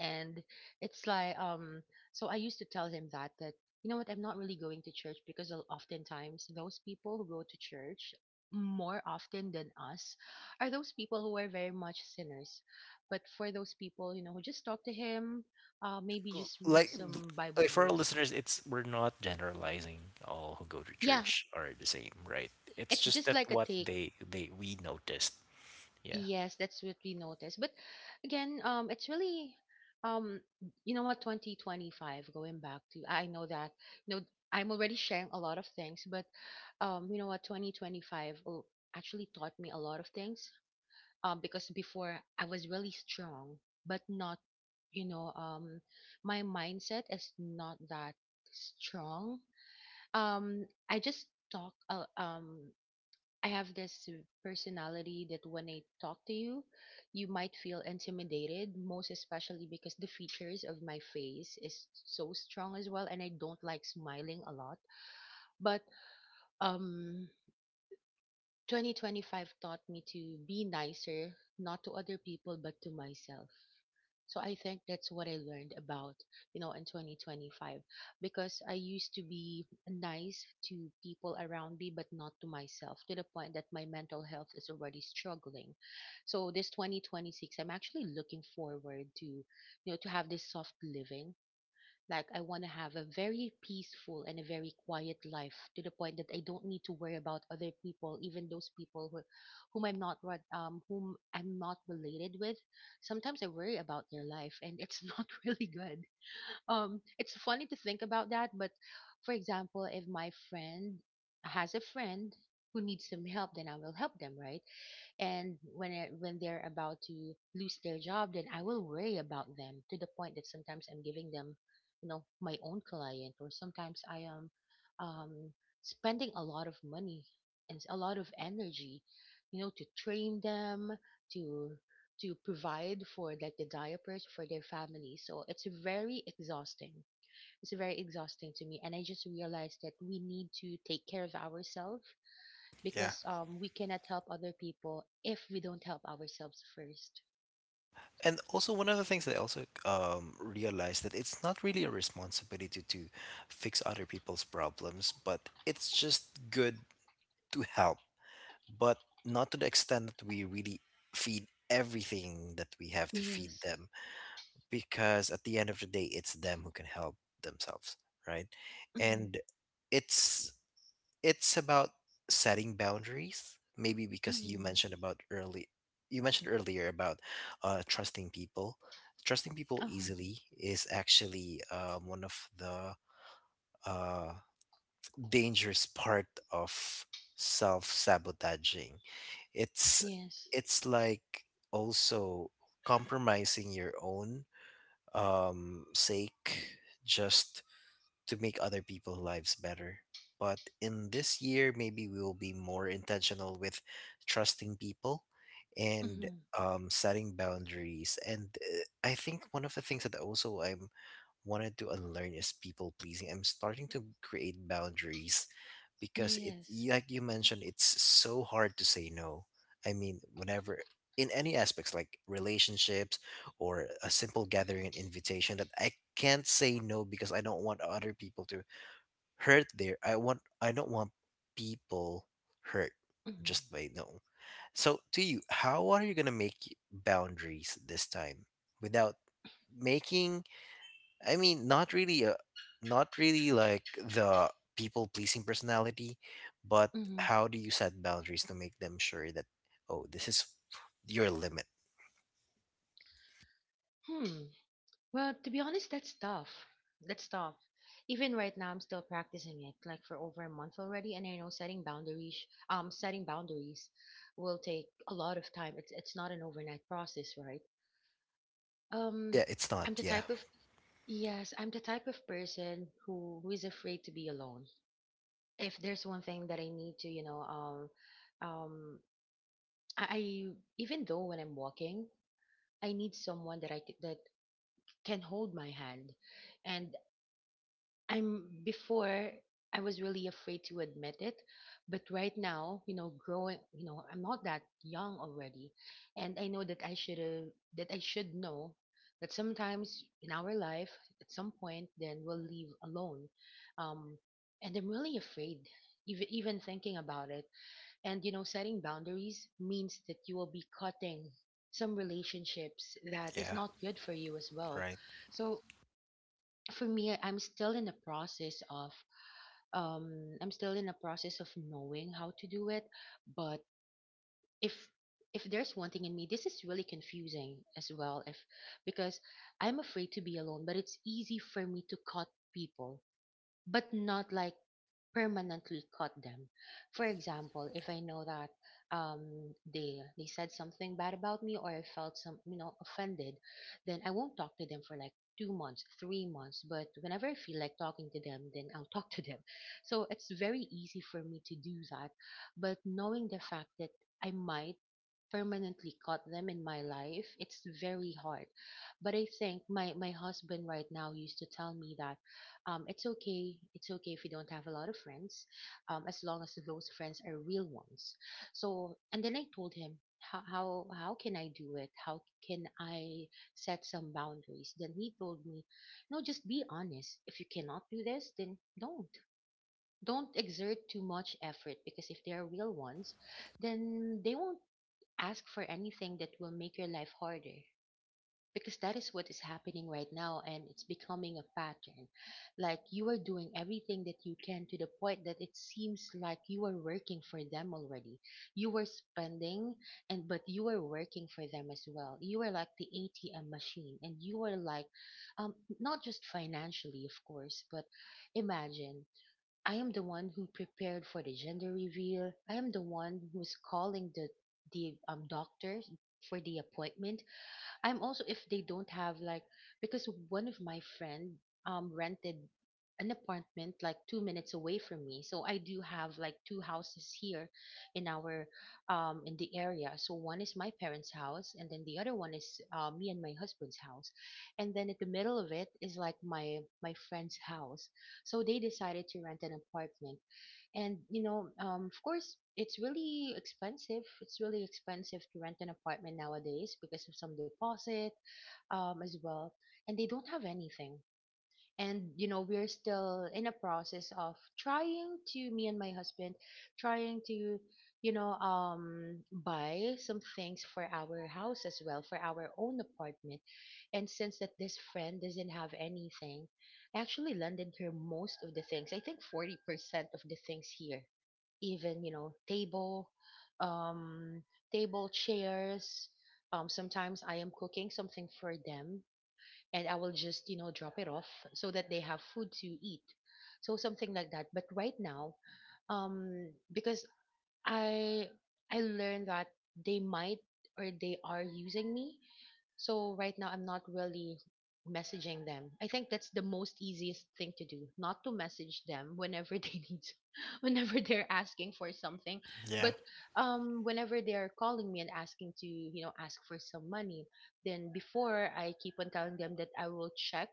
and it's like so I used to tell him that you know what, I'm not really going to church because oftentimes those people who go to church more often than us are those people who are very much sinners. But for those people you know who just talk to him, uh, maybe just read
like
some bible
like for our
verse.
listeners, it's we're not generalizing all who go to
Yeah,
church are the same, right? It's
it's
just
just
that
like a
what
take.
they we noticed. Yeah.
Yes, that's what we noticed. But again, it's really, um, you know what, 2025, going back to, I know that, you know, I'm already sharing a lot of things, but you know what, actually taught me a lot of things. Because before I was really strong, but not, you know, my mindset is not that strong. I just talk, I have this personality that when I talk to you, you might feel intimidated, most especially because the features of my face is so strong as well, and I don't like smiling a lot. But um, 2025 taught me to be nicer, not to other people, but to myself. So I think that's what I learned about, you know, in 2025 because I used to be nice to people around me but not to myself to the point that my mental health is already struggling. So this 2026 I'm actually looking forward to, you know, to have this soft living. Like I want to have a very peaceful and a very quiet life to the point that I don't need to worry about other people, even those people who, whom I'm not related with. Sometimes I worry about their life and it's not really good. It's funny to think about that, but for example, if my friend has a friend who needs some help, then I will help them, right? And when they're about to lose their job, then I will worry about them to the point that sometimes I'm giving them, you know, my own client, or sometimes I am um, spending a lot of money and a lot of energy, you know, to train them, to to provide for like the diapers for their family. So it's very exhausting. It's very exhausting to me, and I just realized that we need to take care of ourselves
Yeah.
because we cannot help other people if we don't help ourselves first.
And also one of the things that I also realized that it's not really a responsibility to fix other people's problems, but it's just good to help, but not to the extent that we really feed everything that we have to feed
Yes.
them. Because at the end of the day it's them who can help themselves, right?
Mm-hmm.
And it's it's about setting boundaries maybe because you
Mm-hmm.
mentioned about early you mentioned earlier about uh, trusting people trusting people
Uh-huh.
easily is actually one of the uh, dangerous part of self-sabotaging. it's
Yes.
it's like also compromising your own sake just to make other people's lives better. But in this year, maybe we will be more intentional with trusting people and
Mm-hmm.
setting boundaries. And I think one of the things that also I'm wanted to unlearn is people pleasing. I'm starting to create boundaries because
Yes.
like you mentioned it's so hard to say no. I mean, whenever in any aspects like relationships or a simple gathering and invitation that I can't say no because I don't want other people to hurt there. I want I don't want people hurt
Mm-hmm.
just by no. So to you, how are you going to make boundaries this time without making, I mean, not really a, not really like the people pleasing personality, but
Mm-hmm.
how do you set boundaries to make them sure that, oh, this is your limit?
Hmm. Well, to be honest, that's tough. That's tough. Even right now, I'm still practicing it, like for over a month already. And I know setting boundaries, setting boundaries, will take a lot of time. It's not an overnight process, right? Um,
Yeah, it's not.
I'm the
Yeah,
type of. Yes, I'm the type of person who is afraid to be alone. If there's one thing that I need to, you know, um, I even though when I'm walking, I need someone that can hold my hand, and I'm before I was really afraid to admit it, but right now, you know, growing, you know, I'm not that young already, and I know that I should know that sometimes in our life, at some point, then we'll leave alone, um, and I'm really afraid, even thinking about it, and you know, setting boundaries means that you will be cutting some relationships that is
yeah,
not good for you as well,
right.
so for me, I'm still in the process of I'm still in a process of knowing how to do it, but if there's one thing in me, this is really confusing as well. If Because I'm afraid to be alone, but it's easy for me to cut people, but not like permanently cut them. For example, if I know that they said something bad about me or I felt some, you know, offended, then I won't talk to them for like 2 months, 3 months. But whenever I feel like talking to them, then I'll talk to them. So it's very easy for me to do that. But knowing the fact that I might permanently caught them in my life, it's very hard. But I think my husband right now used to tell me that it's okay if you don't have a lot of friends, as long as those friends are real ones. So, and then I told him. How can I do it? How can I set some boundaries? Then he told me, no, just be honest. If you cannot do this, then don't. Don't exert too much effort, because if they are real ones, then they won't ask for anything that will make your life harder, because that is what is happening right now, and it's becoming a pattern. Like you are doing everything that you can to the point that it seems like you are working for them already. You are spending, and but you are working for them as well. You are like the ATM machine, and you are like, not just financially, of course, but imagine, I am the one who prepared for the gender reveal. I am the one who's calling the doctor for the appointment. I'm also if they don't have like, because one of my friend rented an apartment like 2 minutes away from me. So I do have like two houses here in our in the area. So one is my parents' house, and then the other one is me and my husband's house. And then at the middle of it is like my friend's house. So they decided to rent an apartment, and you know, of course, it's really expensive. It's really expensive to rent an apartment nowadays because of some deposit, as well, and they don't have anything. And you know, we're still in a process of trying to, me and my husband, trying to, you know, buy some things for our house as well, for our own apartment. And since that this friend doesn't have anything, I actually lended her most of the things. I think 40% of the things here, even, you know, table, um table chairs, sometimes I am cooking something for them, and I will just, you know, drop it off so that they have food to eat. So something like that. But right now, um because I I learned that they might, or they are using me. So right now I'm not really messaging them. I think that's the most easiest thing to do, not to message them whenever they need, whenever they're asking for something, but
Yeah,
whenever they're calling me and asking to, you know, ask for some money, then before I keep on telling them that I will check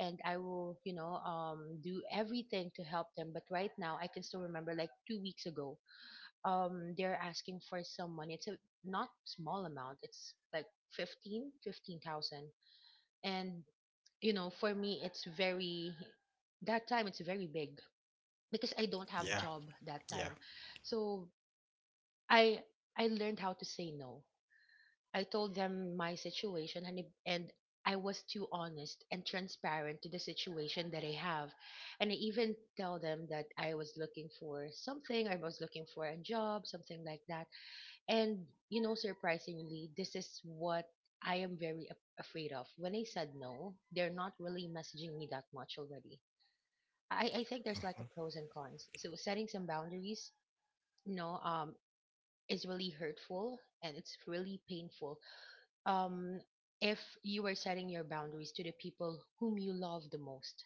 and I will, you know, do everything to help them. But right now I can still remember like 2 weeks ago, they're asking for some money. It's a not small amount. It's like 15,000. And you know, for me it's very, that time it's very big, because I don't have a
yeah,
job that
yeah.
time. So i I learned how to say no. I told them my situation, and if- and I was too honest and transparent to the situation that I have, and I even tell them that I was looking for something, I was looking for a job, something like that. And you know, surprisingly, this is what I am very afraid of. When I said no, they're not really messaging me that much already. I think there's like
Mhm.
a pros and cons. So setting some boundaries, you know, is really hurtful and it's really painful. Um, if you are setting your boundaries to the people whom you love the most.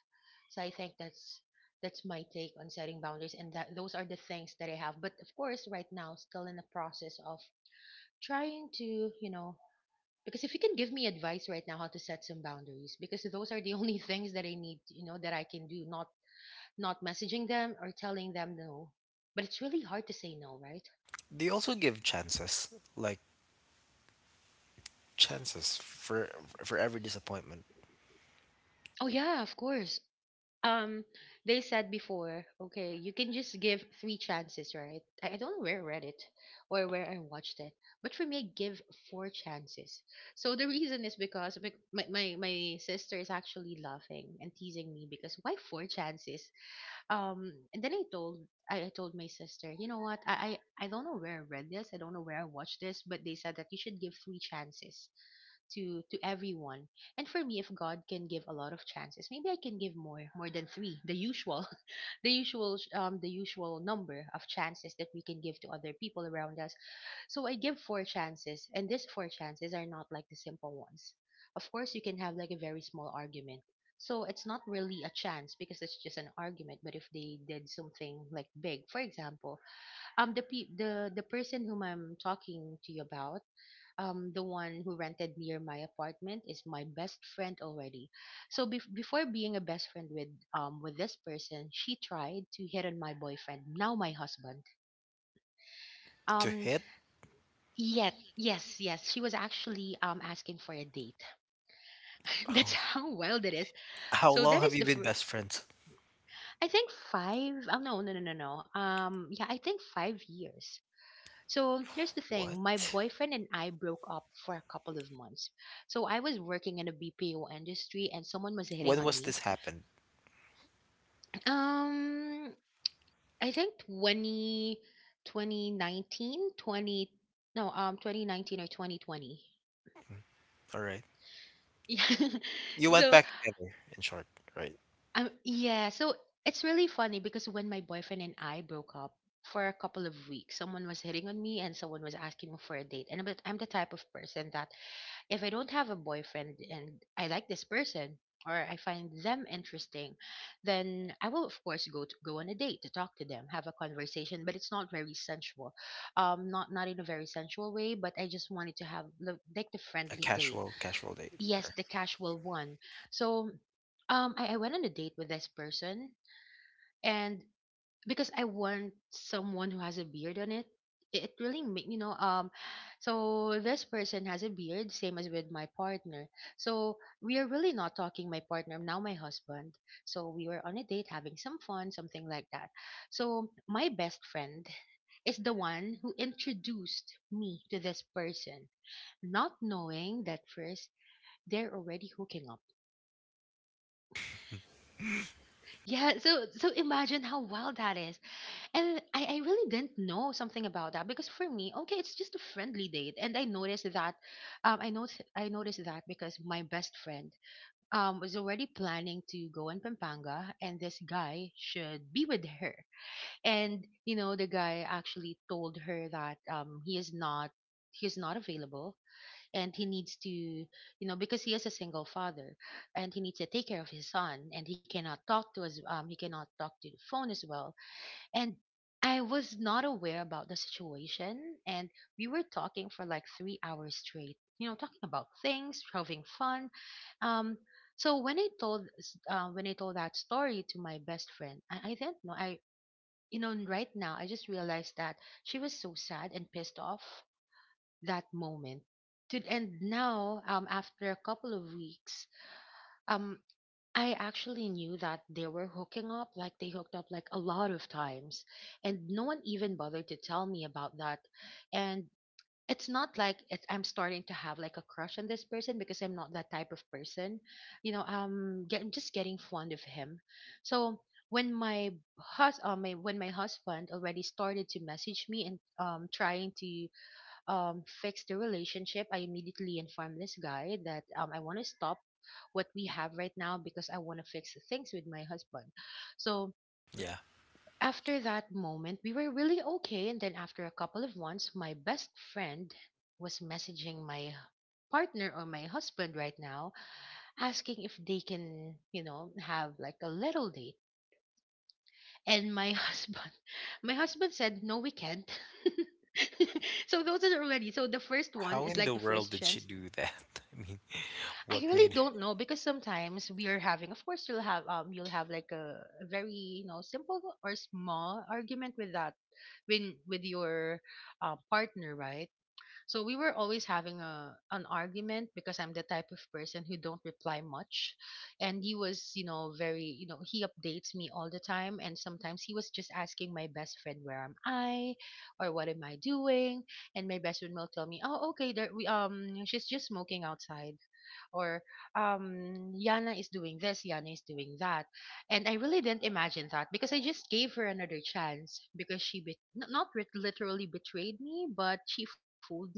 So I think that's my take on setting boundaries, and that those are the things that I have. But of course right now still in the process of trying to, you know, because if you can give me advice right now how to set some boundaries, because those are the only things that I need, you know, that I can do, not messaging them or telling them no, but it's really hard to say no, right?
They also give chances, like chances for every disappointment
Oh yeah, of course. um they said before, okay, you can just give three chances, right? I don't know where I read it or where I watched it, but for me I give four chances. So the reason is because, my sister is actually laughing and teasing me because why four chances. And then I told my sister, you know what, I don't know where I read this, I don't know where I watched this, but they said that you should give three chances to everyone. And for me, if God can give a lot of chances, maybe I can give more than three, the usual, the usual sh- the usual number of chances that we can give to other people around us. So I give four chances, and these four chances are not like the simple ones. Of course, you can have like a very small argument, so it's not really a chance because it's just an argument. But if they did something like big, for example, the pe- the person whom I'm talking to you about, the one who rented near my apartment, is my best friend already. So before being a best friend with this person, she tried to hit on my boyfriend, now my husband.
to
Um
hit.
yet Yes, yes, she was actually asking for a date. That's
Oh,
how wild it is.
how
So that
long have
is
you
the
been
first —
best friends?
I think 5, oh no, no, no, no, no. Yeah, I think 5 years. So here's the thing, my
What?
boyfriend and I broke up for a couple of months. So I was working in a BPO industry and someone was hitting
When
on
was
me.
this happened?
Um, I think 20 2019 20 no, 2019 or 2020.
Mm, all right,
Yeah.
you went
so,
back together. In short, right?
um, yeah. So it's really funny because when my boyfriend and I broke up, for a couple of weeks, someone was hitting on me and someone was asking me for a date. And I'm the type of person that, if I don't have a boyfriend and I like this person, or I find them interesting, then I will, of course, go on a date to talk to them, have a conversation, but it's not very sensual, not in a very sensual way. But I just wanted to have like the
A
friendly date,
casual, casual date.
yes,
Sure.
the casual one. So, I went on a date with this person. And because I want someone who has a beard on it. It really make, so this person has a beard, same as with my partner. So we are really not talking my partner now, my husband. So we were on a date, having some fun, something like that. So my best friend is the one who introduced me to this person, not knowing that first they're already hooking up. Yeah, so imagine how wild that is. And I really didn't know something about that because, for me, okay, it's just a friendly date. And I noticed that because my best friend, was already planning to go in Pampanga, and this guy should be with her. And you know, the guy actually told her that, he is not available, and he needs to, you know, because he is a single father, and he needs to take care of his son, and he cannot talk to his, he cannot talk to the phone as well. And I was not aware about the situation, and we were talking for like 3 hours straight. You know, talking about things, having fun. Um, so when when I told that story to my best friend, I didn't know. I You know, right now I just realized that she was so sad and pissed off that moment. And now, after a couple of weeks. um. I actually knew that they were hooking up, like they hooked up like a lot of times, and no one even bothered to tell me about that. And it's not like it's, I'm starting to have like a crush on this person because I'm not that type of person. You know, I'm just getting fond of him. So when my husband already started to message me and trying to, fix the relationship, I immediately informed this guy that, I want to stop what we have right now because I want to fix things with my husband. So
Yeah.
after that moment, we were really okay. And then after a couple of months, my best friend was messaging my partner, or my husband right now, asking if they can, you know, have like a little date. And my husband, my husband said, no, we can't. So those are already — the first one
How
is
in
like
the
the
world
first
did she
chance.
do that? I mean,
I
what
really
made her?
don't know, because sometimes we are having — of course you'll have, you'll have like a very, you know, simple or small argument with that, when with your, partner, right? So we were always having a an argument because I'm the type of person who don't reply much, and he was, you know, very, you know, he updates me all the time, and sometimes he was just asking my best friend where am I, or what am I doing, and my best friend will tell me, oh, okay, there we she's just smoking outside, or Yana is doing this, Yana is doing that. And I really didn't imagine that because I just gave her another chance because not rit literally betrayed me, but she fooled me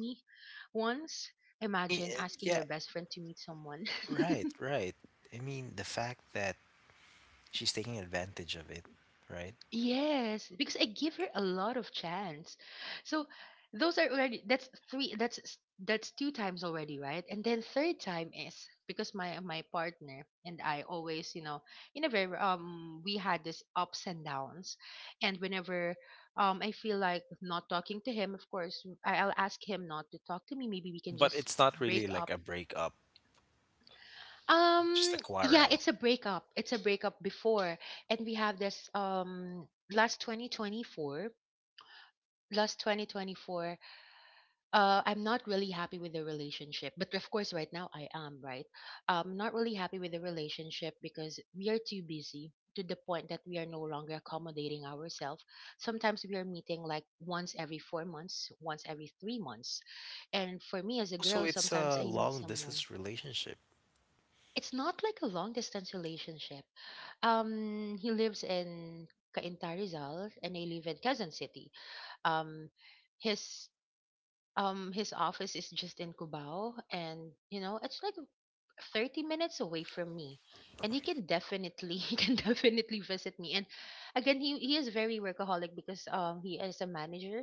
once. Imagine asking your
Yeah,
best friend to meet someone.
right, right. I mean, the fact that she's taking advantage of it, right?
Yes, because I give her a lot of chance. So those are already — that's three, that's that's two times already, right? And then third time is, because my partner and I always, you know, in a very we had this ups and downs. And whenever I feel like not talking to him, of course, I'll ask him not to talk to me. Maybe we can
But
just
it's not
break
really like
up.
a breakup, it's just a
Yeah,
quarrel.
it's a breakup. It's a breakup before, and we have this, last 2024 last 2024 I'm not really happy with the relationship, but of course right now I am, right? I'm not really happy with the relationship because we are too busy, to the point that we are no longer accommodating ourselves. Sometimes we are meeting like once every 4 months, once every 3 months. And for me, as a
So
girl,
it's
sometimes
a
I need
long
someone.
distance relationship.
It's not like a long distance relationship. He lives in Cainta, Rizal, and I live in Quezon City. Um, his his office is just in Cubao, and you know it's like 30 minutes away from me, and he can definitely he can definitely visit me. And again, he is very workaholic because he is a manager,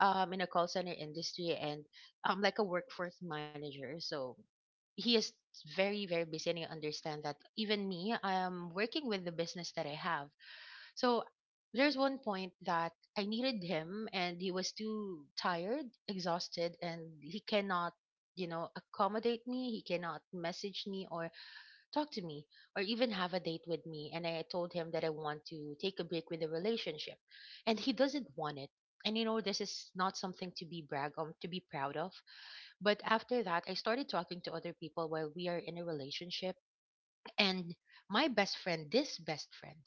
in a call center industry, and like a workforce manager. So he is very, very busy, and I understand that. Even me, I am working with the business that I have. So there's one point that I needed him, and he was too tired, exhausted, and he cannot, you know, accommodate me. He cannot message me or talk to me, or even have a date with me. And I told him that I want to take a break with the relationship. And he doesn't want it. And you know, this is not something to be brag on, to be proud of. But after that, I started talking to other people while we are in a relationship. And my best friend, this best friend,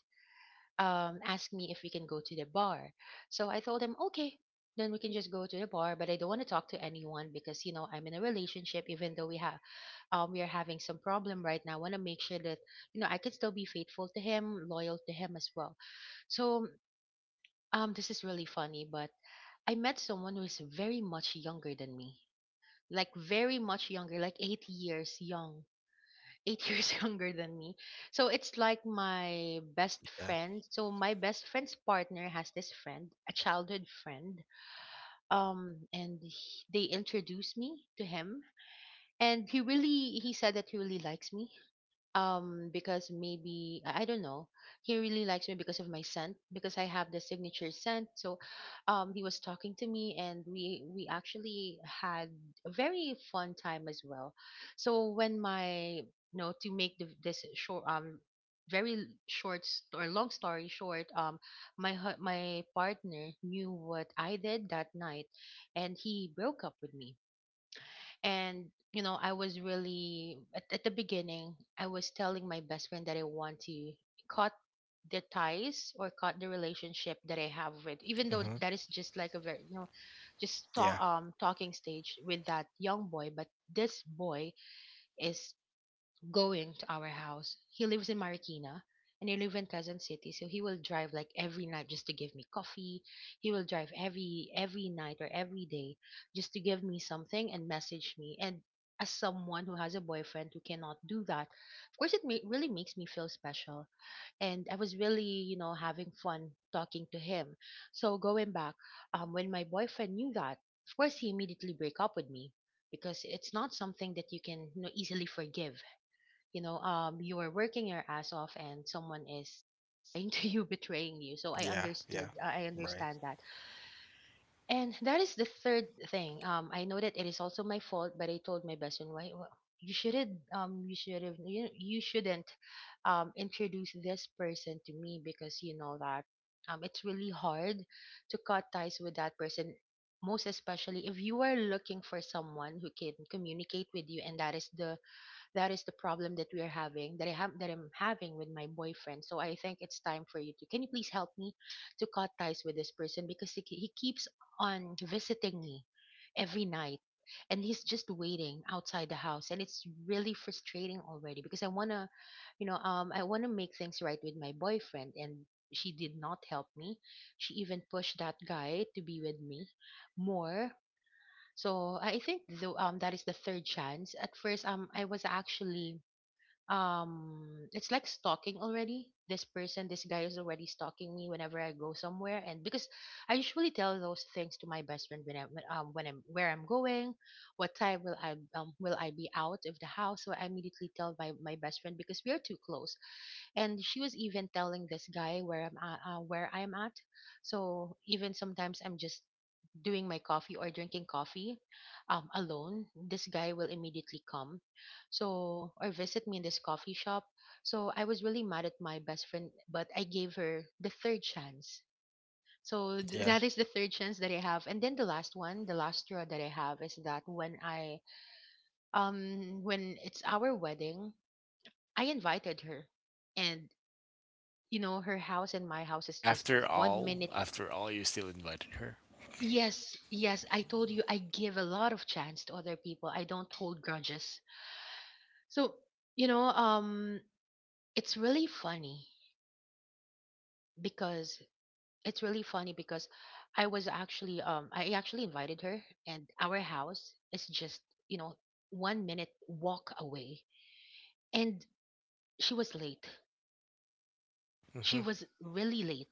asked me if we can go to the bar. So I told him, okay, then we can just go to the bar. But I don't want to talk to anyone because you know I'm in a relationship. Even though we are having some problem right now, I want to make sure that you know I can still be faithful to him, loyal to him as well. So, this is really funny, but I met someone who is very much younger than me, like very much younger, like eight years younger than me. So it's like my best
Yeah.
friend. So my best friend's partner has this friend, a childhood friend. And they introduced me to him, and he said that he really likes me, because maybe, I don't know, he really likes me because of my scent because I have the signature scent. So, he was talking to me, and we actually had a very fun time as well. So when my — you know, to make this short, very short or long story short, my partner knew what I did that night, and he broke up with me. And you know, I was really — at the beginning I was telling my best friend that I want to cut the ties or cut the relationship that I have with, even though
Mm-hmm.
that is just like a very, you know, just
Yeah.
talk talking stage with that young boy, but this boy is going to our house. He lives in Marikina, and I live in Quezon City, so he will drive like every night just to give me coffee. He will drive every night, or every day, just to give me something and message me. And as someone who has a boyfriend who cannot do that, of course it really makes me feel special. And I was really, you know, having fun talking to him. So going back, when my boyfriend knew that, of course he immediately break up with me because it's not something that you can, you know, easily forgive. You are working your ass off and someone is lying to you betraying you, so
Yeah. Yeah.
I
Right.
understand that. And that is the third thing. I know that it is also my fault, but I told my best friend, "Why you shouldn't, you should have, you shouldn't introduce this person to me, because you know that it's really hard to cut ties with that person, most especially if you are looking for someone who can communicate with you, and that is the problem that we are having, that I have that I'm having with my boyfriend. So I think it's time for you to, can you please help me to cut ties with this person, because he keeps on visiting me every night and he's just waiting outside the house and it's really frustrating already, because I want to, I want to make things right with my boyfriend, and she did not help me. She even pushed that guy to be with me more." So I think though, that is the third chance. At first, I was actually, it's like stalking already. This person, this guy is already stalking me whenever I go somewhere, and because I usually tell those things to my best friend when when I'm, where I'm going, what time will I be out of the house. So I immediately tell my best friend, because we are too close, and she was even telling this guy where I'm at, where I'm at. So even sometimes I'm just doing my coffee or drinking coffee, alone, this guy will immediately come. So, or visit me in this coffee shop. So, I was really mad at my best friend, but I gave her the third chance. So,
Yeah.
that is the third chance that I have. And then the last one, the last straw that I have is that when I, when it's our wedding, I invited her. And, you know, her house and my house is just one minute
After all, you still invited her.
Yes, yes, I told you I give a lot of chance to other people. I don't hold grudges. So, you know, it's really funny because it's really funny because I was actually I actually invited her, and our house is just, you know, 1 minute walk away, and she was late. She
Mm-hmm.
was really late.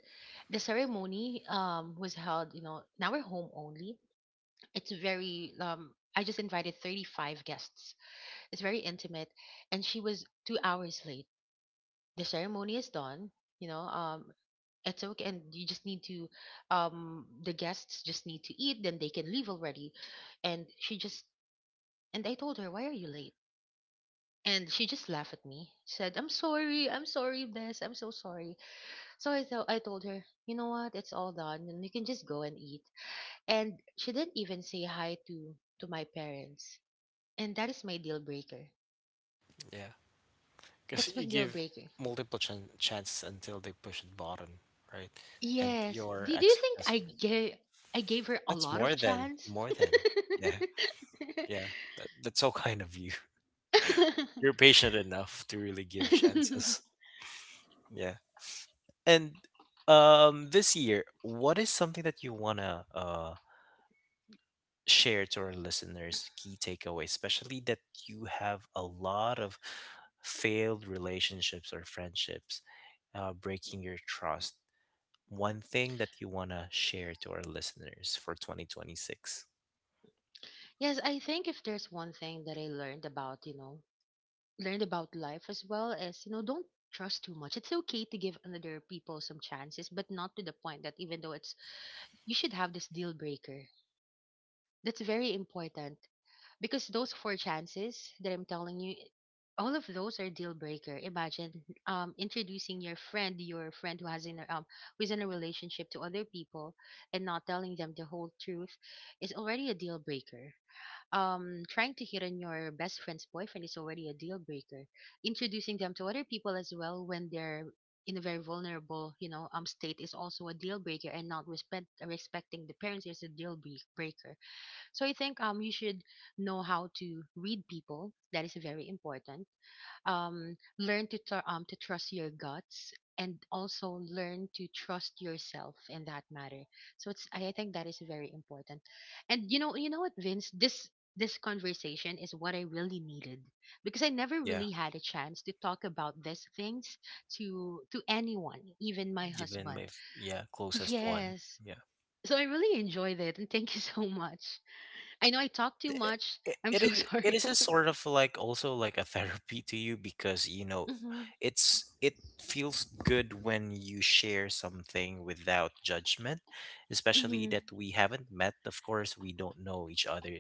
The ceremony was held, you know, in our home only. It's very. I just invited 35 guests. It's very intimate, and she was 2 hours late. The ceremony is done, you know, it's okay and you just need to, the guests just need to eat, then they can leave already. And she just And I told her, "Why are you late?" And she just laughed at me. Said, "I'm sorry. I'm sorry, Bess. I'm so sorry." So I told her, "You know what? It's all done and you can just go and eat." And she didn't even say hi to my parents. And that is my deal breaker.
Yeah. Because
That's
you
my deal
give
breaker.
multiple chances until they push the button, right? And
Yes.
your
Did you think I gave her a
that's
lot
more
of
than
chance?
more than yeah, yeah, that, that's so kind of you. You're patient enough to really give chances. Yeah. And this year, what is something that you wanna share to our listeners, key takeaway, especially that you have a lot of failed relationships or friendships, uh, breaking your trust. One thing that you want to share to our listeners for 2026?
Yes, I think if there's one thing that I learned about, you know, learned about life as well is, you know, don't trust too much. It's okay to give another people some chances, but not to the point that, even though it's, you should have this deal breaker. That's very important. Because those four chances that I'm telling you, all of those are deal breaker. Imagine introducing your friend who who's in a relationship to other people and not telling them the whole truth is already a deal breaker. Trying to hit on your best friend's boyfriend is already a deal breaker. Introducing them to other people as well when they're in a very vulnerable, you know, state is also a deal breaker, and not respecting the parents is a deal breaker. So I think you should know how to read people. That is very important. Learn to to trust your guts, and also learn to trust yourself in that matter. So it's, I think that is very important. And you know what, Vince, this conversation is what I really needed, because I never
Yeah,
really had a chance to talk about these things to anyone, even my
even
husband.
yeah, closest one.
Yes.
Yeah,
So I really enjoyed it, and thank you so much. I know I talk
it
too much.
it
I'm
it,
so
is it
sorry.
is a sort of like also like a therapy to you? Because you know
Mhm,
it feels good when you share something without judgment, especially
mhm,
that we haven't met. Of course, we don't know each other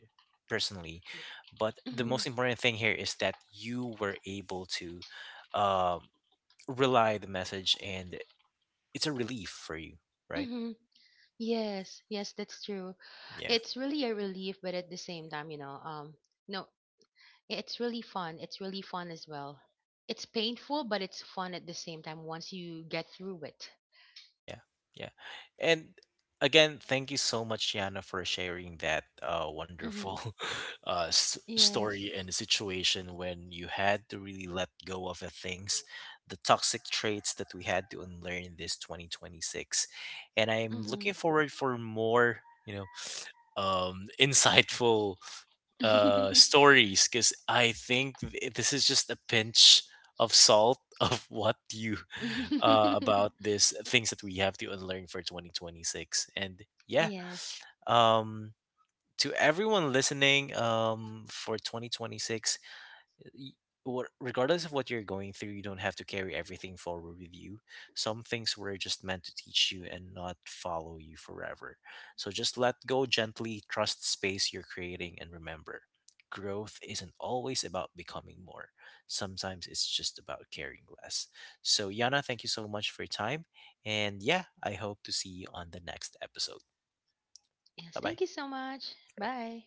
personally, but the
mhm,
most important thing here is that you were able to. Um, relay the message and it's a relief for you, right?
mhm. Yes, yes, that's true.
Yeah.
It's really a relief, but at the same time, you know, no, it's really fun. It's really fun as well. It's painful, but it's fun at the same time once you get through it.
Yeah. Yeah. And again, thank you so much, Yana, for sharing that
Hmm.
wonderful story
Yes.
and situation when you had to really let go of the things, the toxic traits that we had to unlearn this 2026. And I'm looking
Hmm.
forward for more, you know, insightful stories because I think this is just a pinch of salt of what you about this things that we have to unlearn for 2026. And yeah,
Yes. Yes.
um to everyone listening, for 2026, y- what regardless of what you're going through, you don't have to carry everything forward with you. Some things were just meant to teach you and not follow you forever. So just let go gently, trust space you're creating, and remember, growth isn't always about becoming more. Sometimes it's just about caring less. So Yana, thank you so much for your time, and yeah, I hope to see you on the next episode. Bye
Thank
bye.
you so much. Bye.